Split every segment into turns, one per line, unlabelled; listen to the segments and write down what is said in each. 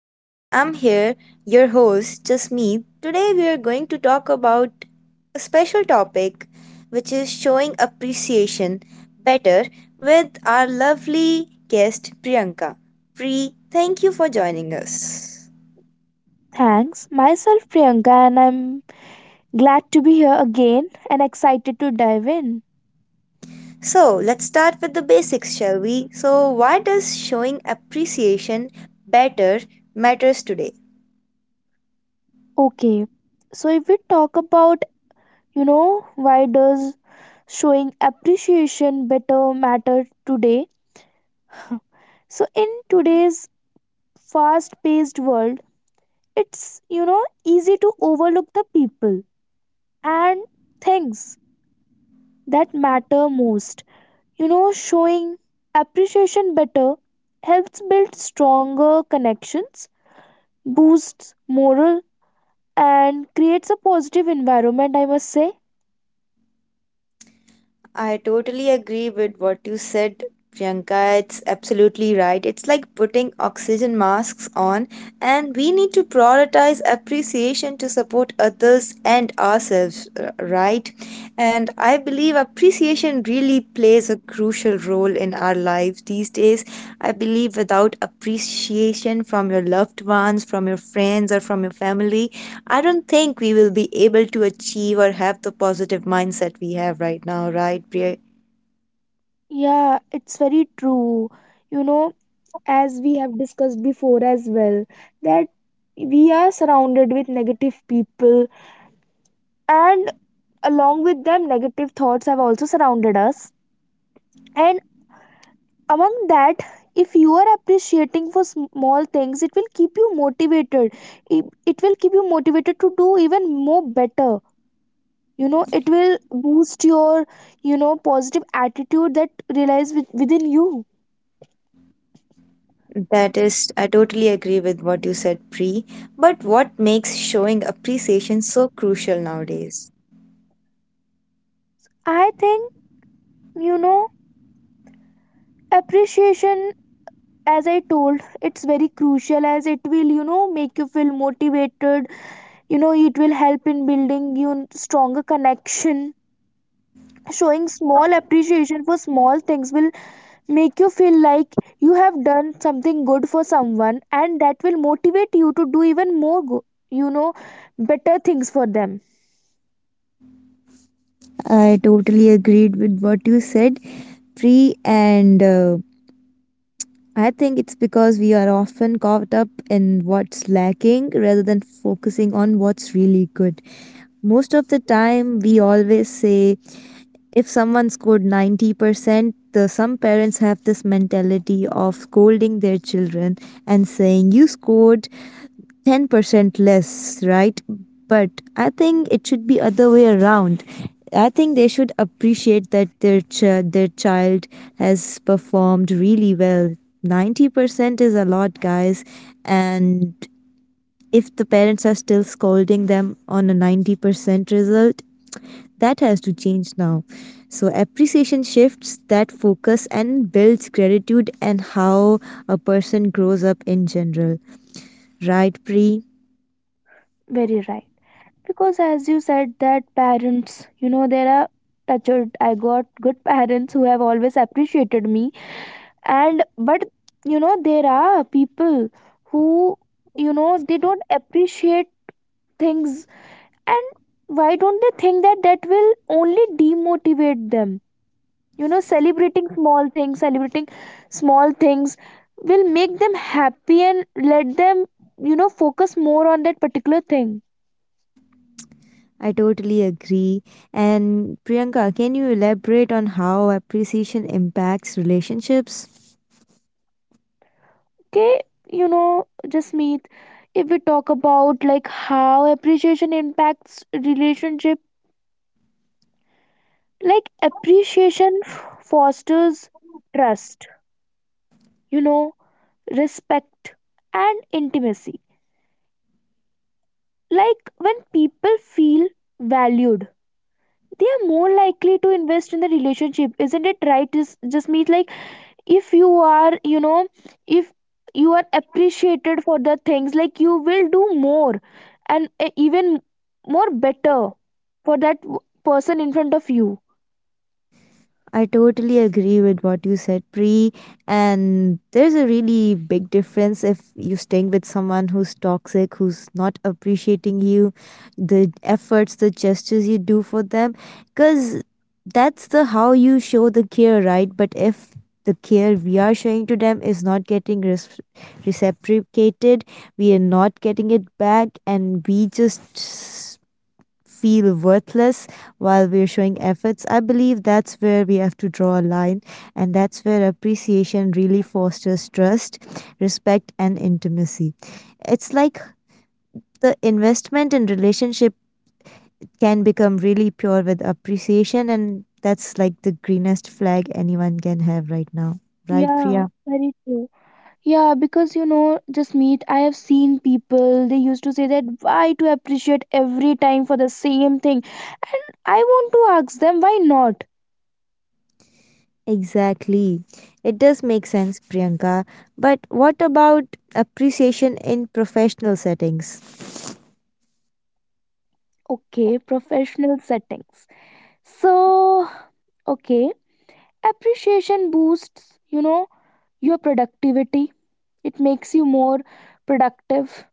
Again, I'm here, your host, Jasmeet. Today we are going to talk about a special topic which is showing appreciation better with our lovely guest Priyanka. Pri, thank you for joining us.
Thanks, myself Priyanka, and I'm glad to be here again and excited to dive in.
So, let's start with the basics, shall we? So, why does showing appreciation better matters today?
Okay, so if we talk about, why does showing appreciation better matter today? So, in today's fast paced world, it's, easy to overlook the people and things that matter most. Showing appreciation better helps build stronger connections, boosts morale, and creates a positive environment, I must say.
I totally agree with what you said, Priyanka. It's absolutely right. It's like putting oxygen masks on, and we need to prioritize appreciation to support others and ourselves. Right, and I believe appreciation really plays a crucial role in our lives these days. I believe without appreciation from your loved ones, from your friends, or from your family, I don't think we will be able to achieve or have the positive mindset we have right now, right, Priya?
Yeah, it's very true. you know as we have discussed before as well, that we are surrounded with negative people, and along with them negative thoughts have also surrounded us. And among that, if you are appreciating for small things, it will keep you motivated. It will keep you motivated to do even more better. It will boost your, positive attitude that relies with, within you.
That is, I totally agree with what you said, Pre. But what makes showing appreciation so crucial nowadays?
I think, you know appreciation, as I told, it's very crucial, as it will, make you feel motivated. It will help in building you stronger connection. Showing small appreciation for small things will make you feel like you have done something good for someone, and that will motivate you to do even more you know better things for them.
I totally agreed with what you said, Free, and I think it's because we are often caught up in what's lacking rather than focusing on what's really good. Most of the time, we always say if someone scored 90%, some parents have this mentality of scolding their children and saying, "You scored 10% less," right? But I think it should be other way around. I think they should appreciate that their their child has performed really well. 90% is a lot, guys, and if the parents are still scolding them on a 90% result, that has to change now. So appreciation shifts that focus and builds gratitude and how a person grows up in general, right, Pri?
Very right, because as you said that parents, there are touched, I got good parents who have always appreciated me. And but, there are people who, they don't appreciate things, and why don't they think that that will only demotivate them? Celebrating small things, small things will make them happy and let them, focus more on that particular thing.
I totally agree. And Priyanka, can you elaborate on how appreciation impacts relationships?
Okay, just meet if we talk about like how appreciation impacts relationship, like appreciation fosters trust, you know respect, and intimacy. Like when people feel valued, they are more likely to invest in the relationship, isn't it right, just meet like if you are, if you are appreciated for the things, like you will do more and even more better for that person in front of you.
I totally agree with what you said, Pre. And there's a really big difference if you're staying with someone who's toxic, who's not appreciating you, the efforts, the gestures you do for them, because that's the how you show the care, right? But if the care we are showing to them is not getting reciprocated, we are not getting it back, and we just feel worthless while we're showing efforts. I believe that's where we have to draw a line, and that's where appreciation really fosters trust, respect, and intimacy. It's like the investment in relationship can become really pure with appreciation, and that's like the greenest flag anyone can have right now. Right,
Yeah,
Priya?
very true. Yeah, because just meet I have seen people, they used to say that why to appreciate every time for the same thing, and I want to ask them, why not?
Exactly. It does make sense, Priyanka. But what about appreciation in professional settings?
Okay, professional settings. So, okay, appreciation boosts, your productivity. It makes you more productive.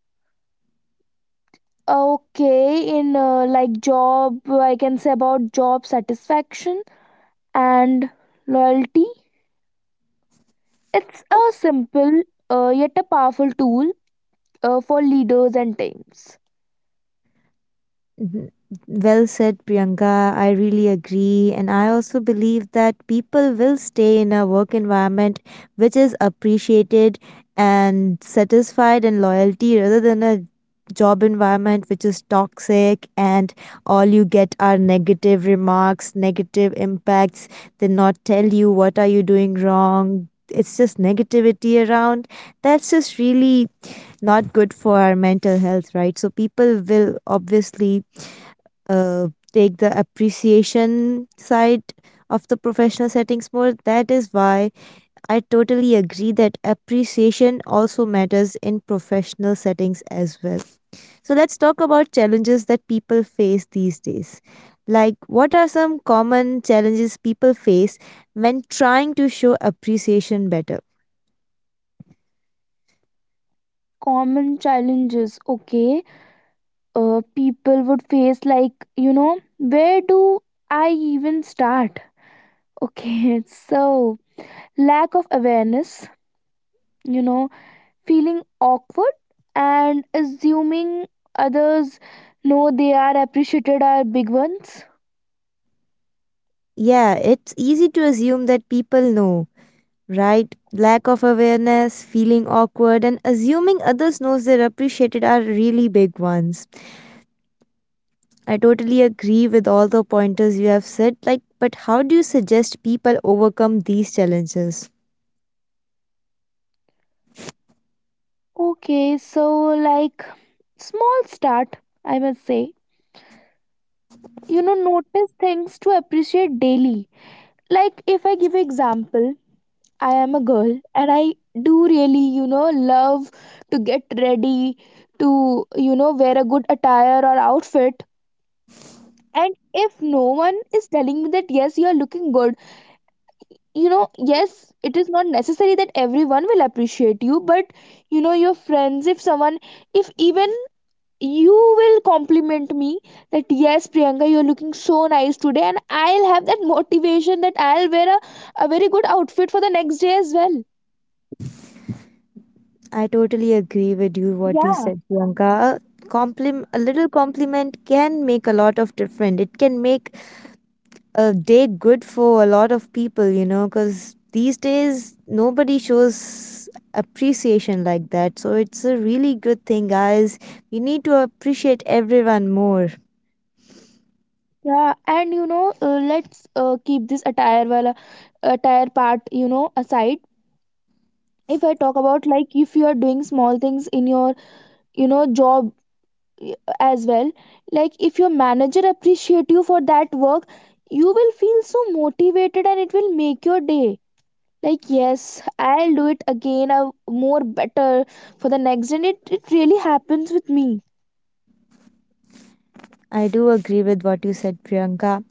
Okay, in, like job, I can say about job satisfaction and loyalty. It's a simple, yet a powerful tool, for leaders and teams.
Mhm. Well said, Priyanka. I really agree. And I also believe that people will stay in a work environment which is appreciated and satisfied and loyalty rather than a job environment which is toxic, and all you get are negative remarks, negative impacts. They not tell you what are you doing wrong. It's just negativity around. That's just really not good for our mental health, right? So people will obviously take the appreciation side of the professional settings more. That is why I totally agree that appreciation also matters in professional settings as well. So, let's talk about challenges that people face these days. Like, what are some common challenges people face when trying to show appreciation better?
Common challenges, okay. People would face, like, where do I even start? Okay, so lack of awareness, you know feeling awkward, and assuming others know they are appreciated are big ones.
Yeah, it's easy to assume that people know, right? Lack of awareness, feeling awkward, and assuming others knows they're appreciated are really big ones. I totally agree with all the pointers you have said. Like, but how do you suggest people overcome these challenges?
Okay, so like, small start, I must say. Notice things to appreciate daily. Like, if I give example, I am a girl, and I do really, love to get ready, to, wear a good attire or outfit. And if no one is telling me that yes, you are looking good, yes, it is not necessary that everyone will appreciate you, but your friends, if someone, if even you will compliment me that yes, Priyanka, you're looking so nice today, and I'll have that motivation that I'll wear a very good outfit for the next day as well.
I totally agree with you what you
Yeah,
said, Priyanka. A a little compliment can make a lot of difference. It can make a day good for a lot of people, you know, because these days nobody shows appreciation like that. So it's a really good thing, guys. We need to appreciate everyone more.
yeah and let's, keep this attire wala attire part, aside. If I talk about, like, if you are doing small things in your, job as well, like if your manager appreciate you for that work, you will feel so motivated and it will make your day. Like, yes, I'll do it again a more better for the next, and it really happens with me.
I do agree with what you said, Priyanka.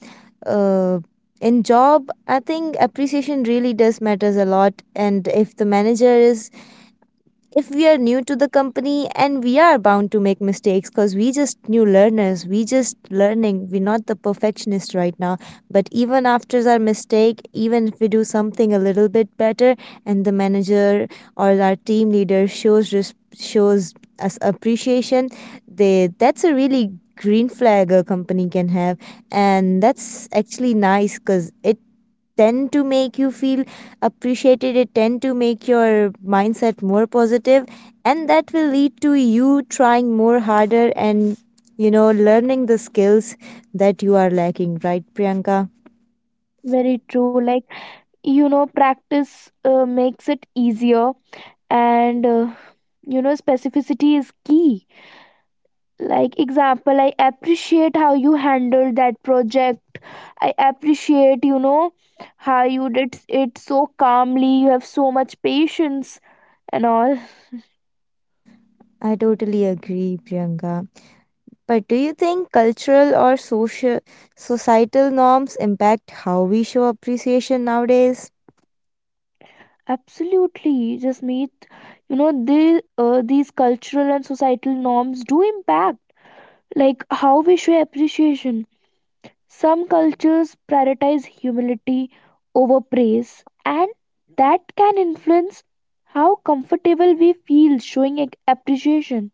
Uh, in job, I think appreciation really does matters a lot. And if the manager is, if we are new to the company and we are bound to make mistakes because we just new learners, we just learning, we're not the perfectionist right now, but even after our mistake, even if we do something a little bit better, and the manager or our team leader shows shows us appreciation, they that's a really green flag a company can have, and that's actually nice because it tend to make you feel appreciated, it tend to make your mindset more positive, and that will lead to you trying more harder and, you know, learning the skills that you are lacking, right, Priyanka?
Very true. Like, practice, makes it easier, and specificity is key. Like, example, I appreciate how you handled that project. I appreciate, how you did it so calmly. You have so much patience and all.
I totally agree, Priyanka. But do you think cultural or social, societal norms impact how we show appreciation nowadays?
Absolutely, just meet the, these cultural and societal norms do impact like how we show appreciation. Some cultures prioritize humility over praise, and that can influence how comfortable we feel showing appreciation.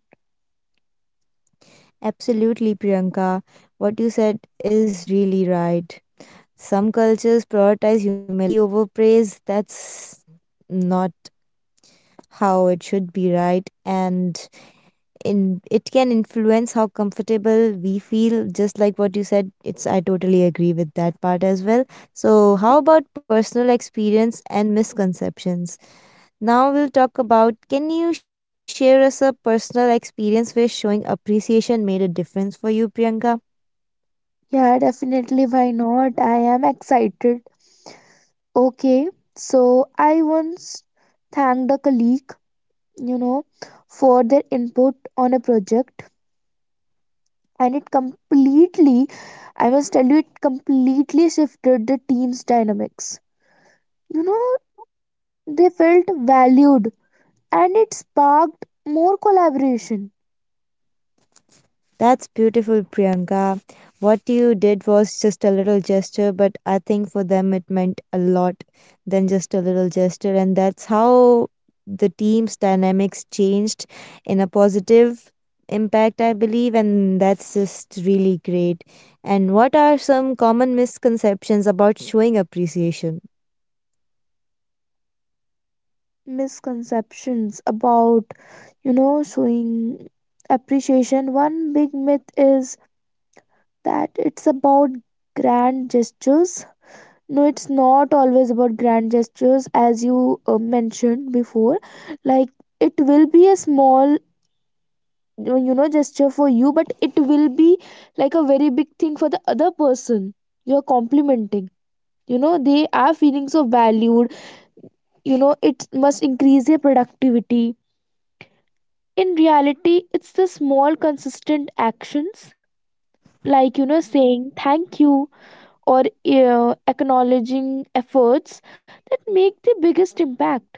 Absolutely, Priyanka. What you said is really right. Some cultures prioritize humility over praise. That's not how it should be, right? And in, it can influence how comfortable we feel. Just like what you said, it's, I totally agree with that part as well. So, how about personal experience and misconceptions? Now we'll talk about. Can you share us a personal experience where showing appreciation made a difference for you, Priyanka?
Yeah, definitely. Why not? I am excited. Okay, so I once thanked a colleague, you know, for their input on a project, and it completely, I must tell you, it completely shifted the team's dynamics. You know, they felt valued, and it sparked more collaboration.
That's beautiful, Priyanka. What you did was just a little gesture, but I think for them it meant a lot than just a little gesture. And that's how the team's dynamics changed in a positive impact, I believe. And that's just really great. And what are some common misconceptions about showing appreciation?
Misconceptions about, showing appreciation. One big myth is that it's about grand gestures. No, it's not always about grand gestures, as you mentioned before. Like, it will be a small, gesture for you, but it will be like a very big thing for the other person you're complimenting. They are feeling so valued. It must increase their productivity. In reality, it's the small, consistent actions, like, saying thank you or acknowledging efforts, that make the biggest impact.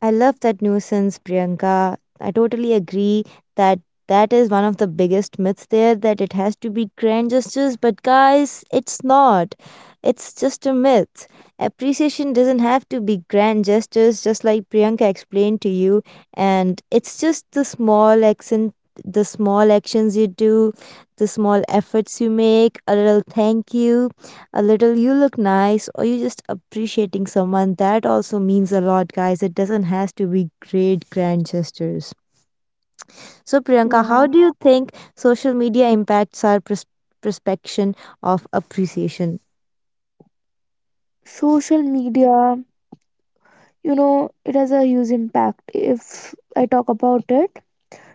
I love that nuisance, Priyanka. I totally agree that that is one of the biggest myths there, that it has to be grand gestures, but guys, it's not. It's just a myth. Appreciation doesn't have to be grand gestures, just like Priyanka explained to you, and it's just the small accent. The small actions you do, the small efforts you make, a little thank you, a little you look nice, or you just appreciating someone, that also means a lot, guys. It doesn't has to be great grand gestures. So Priyanka, how
Yeah,
do you think social media impacts our perception of appreciation?
social media, it has a huge impact if I talk about it.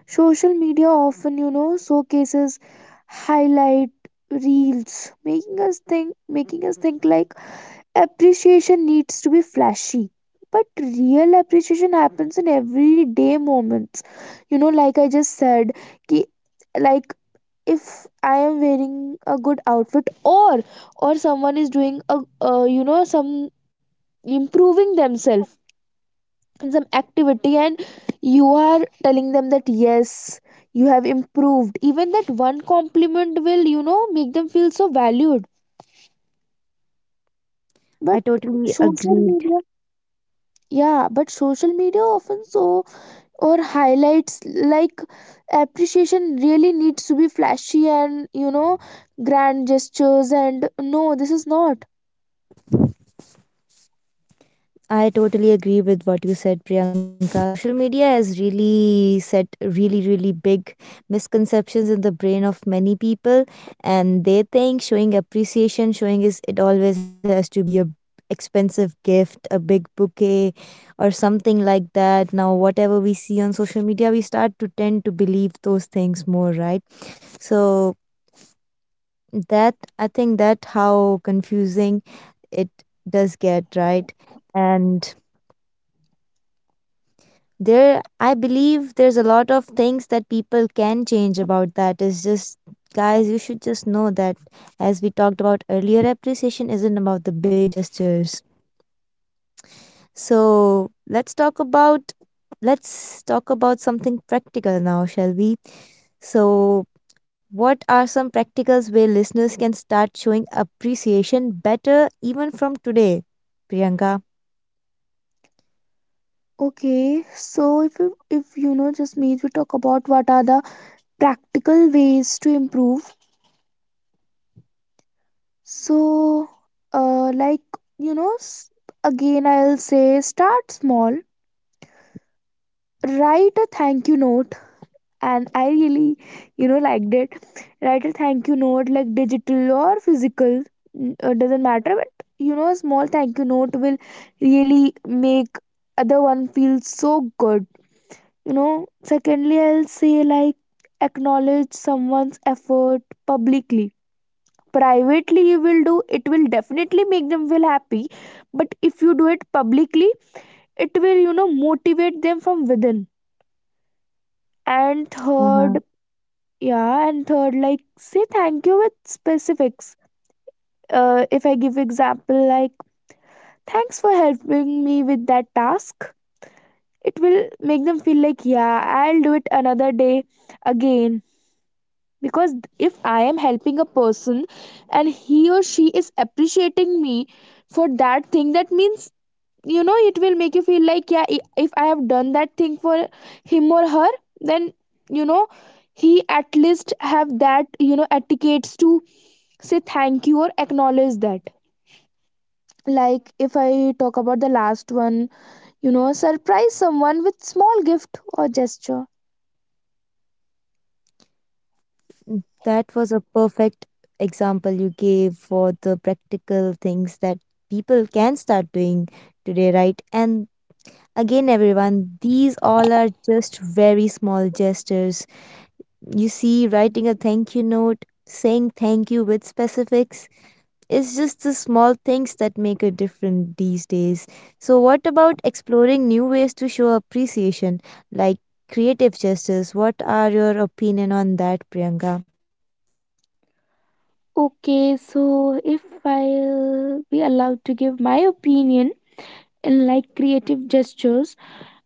Social media often, showcases highlight reels, making us think like appreciation needs to be flashy. But real appreciation happens in everyday moments. Like I just said, ki, like if I am wearing a good outfit, or someone is doing a, some improving themselves in some activity, and you are telling them that yes, you have improved, even that one compliment will, make them feel so valued.
i
But
totally
social
agree
media, yeah, but social media often so or highlights like appreciation really needs to be flashy and, grand gestures, and no, this is not.
I totally agree with what you said, Priyanka. Social media has really set really, really big misconceptions in the brain of many people, and they think showing appreciation, showing is, it always has to be a expensive gift, a big bouquet, or something like that. Now, whatever we see on social media, we start to tend to believe those things more, right? So that, I think that, how confusing it does get, right? And there, I believe there's a lot of things that people can change about that. It's just, guys, you should just know that, as we talked about earlier, appreciation isn't about the big gestures. So let's talk about something practical now, shall we? So, what are some practicals where listeners can start showing appreciation better even from today, Priyanka?
Okay, so if you- if just maybe talk about what are the practical ways to improve. So, like, you know, s- again I'll say, start small. Write a thank you note, and I really, liked it. Write a thank you note, like digital or physical, doesn't matter. But, a small thank you note will really make other one feel so good. Secondly, I'll say, like, acknowledge someone's effort publicly. Privately you will do, it will definitely make them feel happy, but if you do it publicly, it will, motivate them from within. And
Uh huh.
third, yeah, and third, like, say thank you with specifics. If I give example, like, thanks for helping me with that task, it will make them feel like, yeah, I'll do it another day again. Because if I am helping a person, and he or she is appreciating me for that thing, that means, it will make you feel like, yeah, I- if I have done that thing for him or her, then, you know he at least have that, etiquettes to say thank you or acknowledge that. Like, if I talk about the last one, surprise someone with small gift or gesture.
Mm, that was a perfect example you gave for the practical things that people can start doing today, right? And again, everyone, these all are just very small gestures. You see, writing a thank you note, saying thank you with specifics, it's just the small things that make a difference these days. So, what about exploring new ways to show appreciation, like creative gestures? What are your opinion on that, Priyanka?
Okay, so if I'll be allowed to give my opinion, like, creative gestures,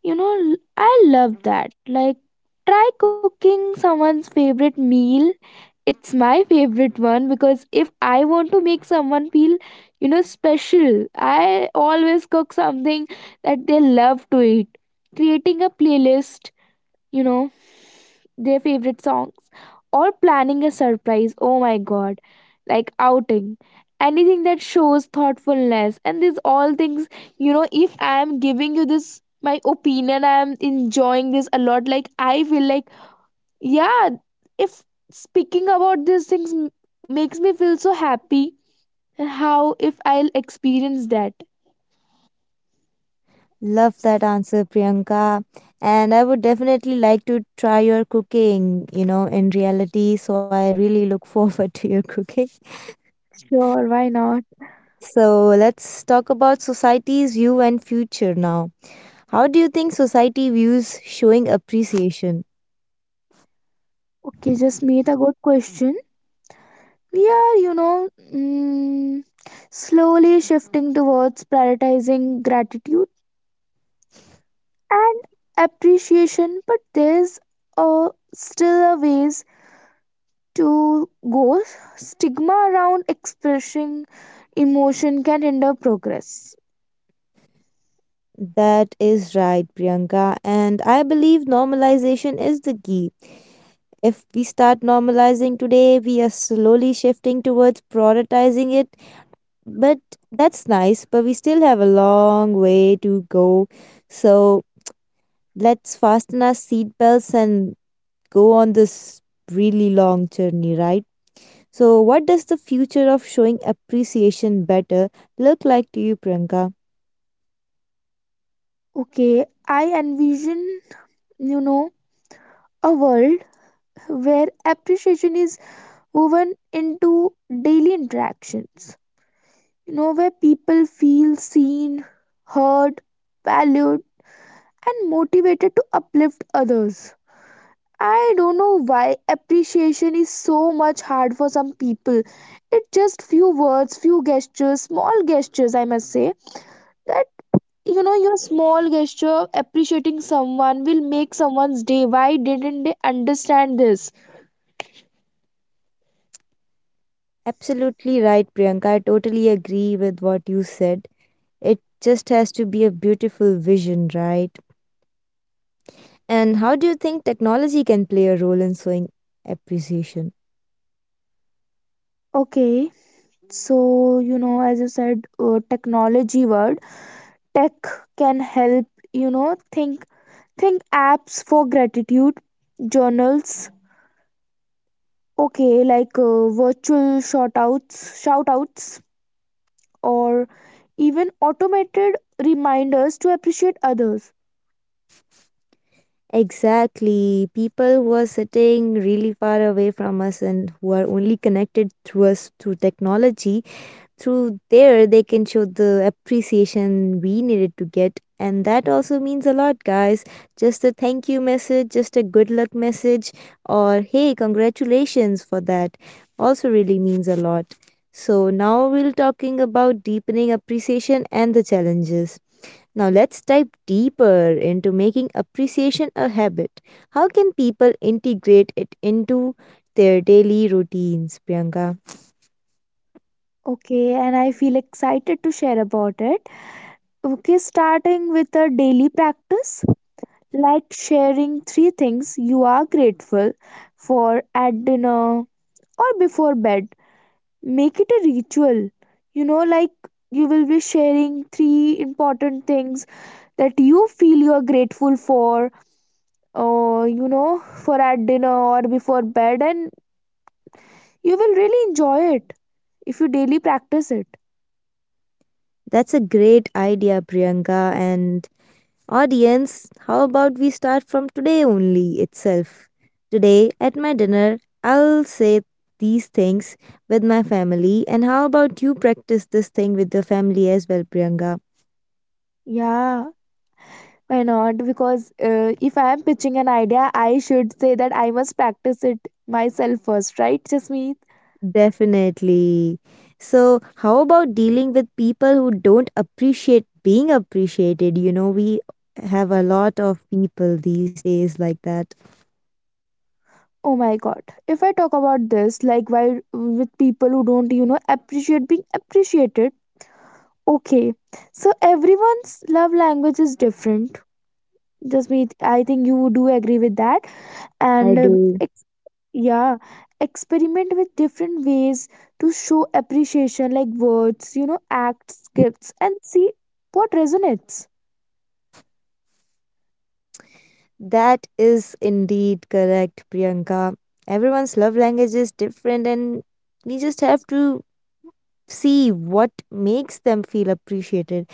I love that. Like, try cooking someone's favorite meal. It's my favorite one, because if I want to make someone feel, special, I always cook something that they love to eat. Creating a playlist, you know their favorite songs, or planning a surprise, oh my god, like outing. Anything that shows thoughtfulness. And these all things, if I am giving you this my opinion, I am enjoying this a lot. Like, I feel like, yeah, if speaking about these things makes me feel so happy, and how if I'll experience that.
Love that answer, Priyanka. And I would definitely like to try your cooking, you know, in reality. So I really look forward to your cooking.
Sure, why not?
So let's talk about society's view and future now. How do you think society views showing appreciation?
Okay, just made a good question. We are, slowly shifting towards prioritizing gratitude and appreciation, but there's, uh, still a ways to go. Stigma around expressing emotion can hinder progress.
That is right, Priyanka. And I believe normalization is the key. If we start normalizing today, we are slowly shifting towards prioritizing it. But that's nice, but we still have a long way to go. So let's fasten our seatbelts and go on this really long journey, right? So, what does the future of showing appreciation better look like to you, Priyanka?
Okay, I envision, you know a world where appreciation is woven into daily interactions, where people feel seen, heard, valued, and motivated to uplift others. I don't know why appreciation is so much hard for some people. It's just few words, few gestures, small gestures, I must say, that, your small gesture of appreciating someone will make someone's day. Why didn't they understand this?
Absolutely right, Priyanka. I totally agree with what you said. It just has to be a beautiful vision, right? And how do you think technology can play a role in showing appreciation?
Okay, so, as you said, technology word, tech can help, you know think think apps for gratitude journals. Okay, like, virtual shout outs, or even automated reminders to appreciate others.
Exactly. People who are sitting really far away from us and who are only connected through us through technology, through there they can show the appreciation we needed to get. And that also means a lot, guys. Just a thank you message, just a good luck message, or hey, congratulations for that also really means a lot. So now we're talking about deepening appreciation and the challenges. Now let's dive deeper into making appreciation a habit. How can people integrate it into their daily routines, Priyanka?
Okay, and I feel excited to share about it. Okay, starting with a daily practice, like sharing three things you are grateful for at dinner or before bed. Make it a ritual. Like, you will be sharing three important things that you feel you are grateful for, for at dinner or before bed, and you will really enjoy it if you daily practice it.
That's a great idea, Priyanka, and audience, how about we start from today only itself? Today at my dinner, I'll say these things with my family, and how about you practice this thing with your family as well, Priyanka?
Yeah, why not, because, if I am pitching an idea, I should say that I must practice it myself first, right, Jasmeet?
Definitely. So, how about dealing with people who don't appreciate being appreciated? We have a lot of people these days like that.
Oh my god, if I talk about this, like, why, with people who don't, appreciate being appreciated. Okay, so everyone's love language is different. Jasmeet, I think you do agree with that, and
I do.
yeah, experiment with different ways to show appreciation, like words, acts, gifts, and see what resonates.
That is indeed correct, Priyanka. Everyone's love language is different, and we just have to see what makes them feel appreciated.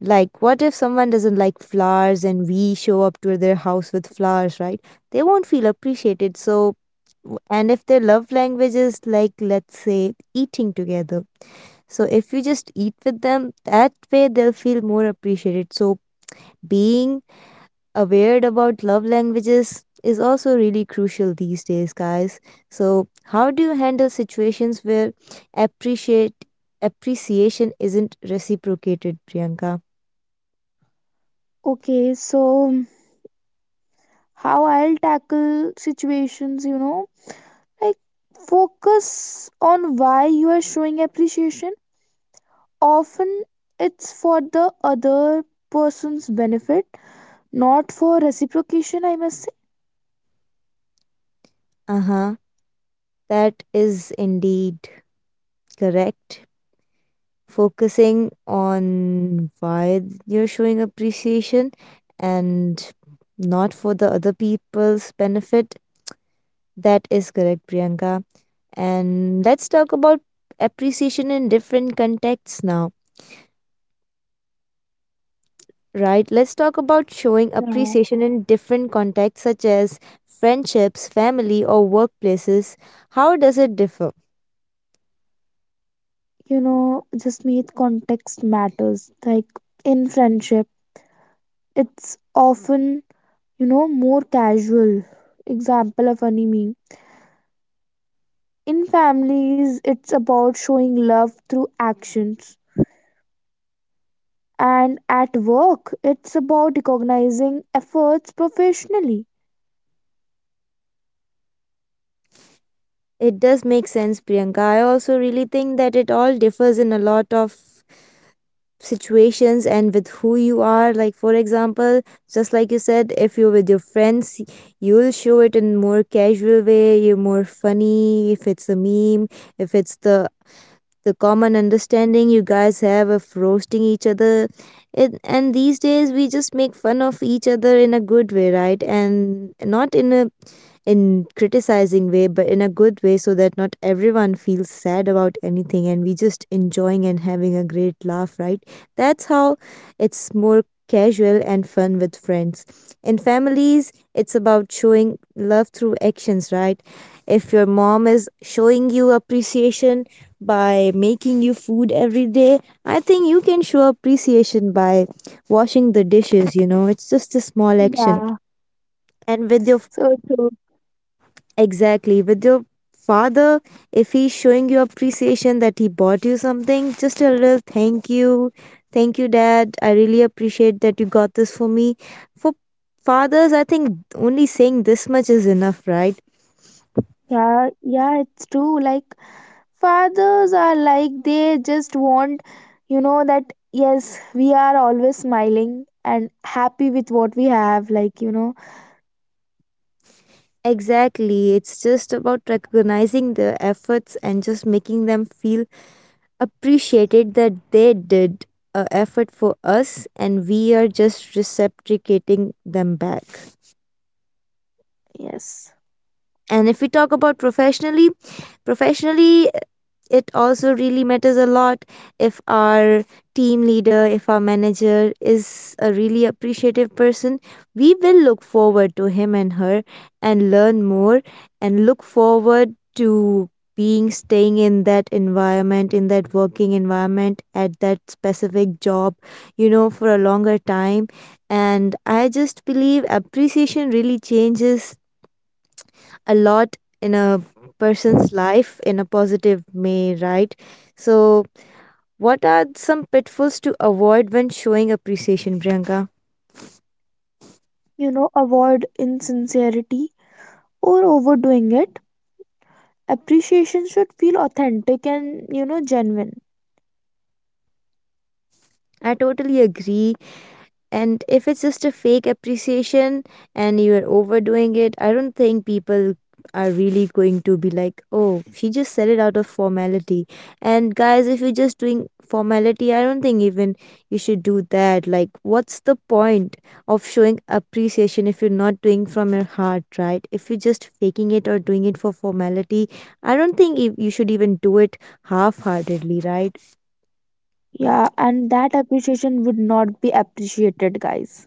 Like, what if someone doesn't like flowers and we show up to their house with flowers, right? They won't feel appreciated. So, and if their love language is like, let's say, eating together. So, if you just eat with them, that way they'll feel more appreciated. So, being aware about love languages is also really crucial these days, guys. So, how do you handle situations where appreciate appreciation isn't reciprocated, Priyanka?
Okay, so um, how I'll tackle situations, like, focus on why you are showing appreciation. Often, it's for the other person's benefit, not for reciprocation, I must say.
Uh huh. That is indeed correct. Focusing on why you're showing appreciation and not for the other people's benefit. That is correct, Priyanka. And let's talk about appreciation in different contexts now, right? Let's talk about showing
Yeah.
appreciation in different contexts, such as friendships, family, or workplaces. How does it differ?
Just meet context matters. Like, in friendship, it's often, more casual. Example of funny meme. In families, it's about showing love through actions. And at work, it's about recognizing efforts professionally.
It does make sense, Priyanka. I also really think that it all differs in a lot of situations and with who you are, like for example, just like you said, if you're with your friends, you'll show it in more casual way, you're more funny if it's a meme, if it's the common understanding you guys have of roasting each other it, and these days we just make fun of each other in a good way, right, and not in a in criticizing way, but in a good way, so that not everyone feels sad about anything, and we just enjoying and having a great laugh, right? That's how it's more casual and fun with friends. In families, it's about showing love through actions, right? If your mom is showing you appreciation by making you food every day, I think you can show appreciation by washing the dishes. It's just a small action.
Yeah.
And with your
So true.
Exactly. With your father, if he's showing you appreciation that he bought you something, just a little thank you. Thank you, Dad. I really appreciate that you got this for me. For fathers, I think only saying this much is enough, right?
Yeah, yeah, it's true. Like, fathers are like, they just want, that yes, we are always smiling and happy with what we have. Like,
Exactly. It's just about recognizing the efforts and just making them feel appreciated that they did a effort for us, and we are just reciprocating them back.
yes.
And if we talk about professionally, professionally it also really matters a lot. If our manager is a really appreciative person, we will look forward to him and her, and learn more, and look forward to being staying in that environment, in that working environment, at that specific job, for a longer time. And I just believe appreciation really changes a lot in a person's life in a positive way, right? So, what are some pitfalls to avoid when showing appreciation, Priyanka?
Avoid insincerity or overdoing it. Appreciation should feel authentic and, genuine.
I totally agree, and if it's just a fake appreciation and you're overdoing it, I don't think people are really going to be like, oh, she just said it out of formality. And guys, if you're just doing formality, I don't think even you should do that. Like, what's the point of showing appreciation if you're not doing from your heart, right? If you're just faking it or doing it for formality, I don't think you should even do it half-heartedly, right?
Yeah, and that appreciation would not be appreciated, guys.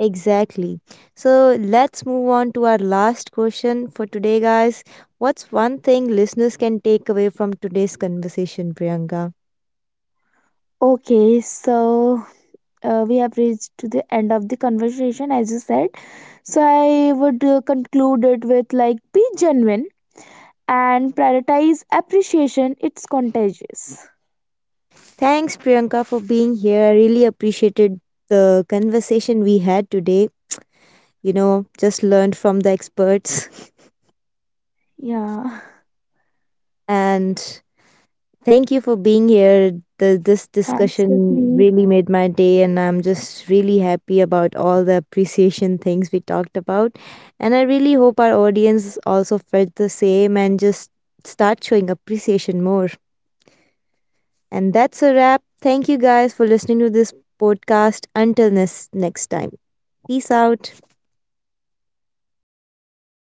Exactly. So let's move on to our last question for today, guys. What's one thing listeners can take away from today's conversation, Priyanka?
Okay, so, we have reached to the end of the conversation, as you said. So I would, conclude it with, like, be genuine and prioritize appreciation. It's contagious.
Thanks, Priyanka, for being here. I really appreciated the conversation we had today. Just learned from the experts.
Yeah,
And thank you for being here. This
thanks
discussion
for
really made my day, and I'm just really happy about all the appreciation things we talked about. And I really hope our audience also felt the same and just start showing appreciation more. And that's a wrap. Thank you guys for listening to this podcast. Until this next time, peace out.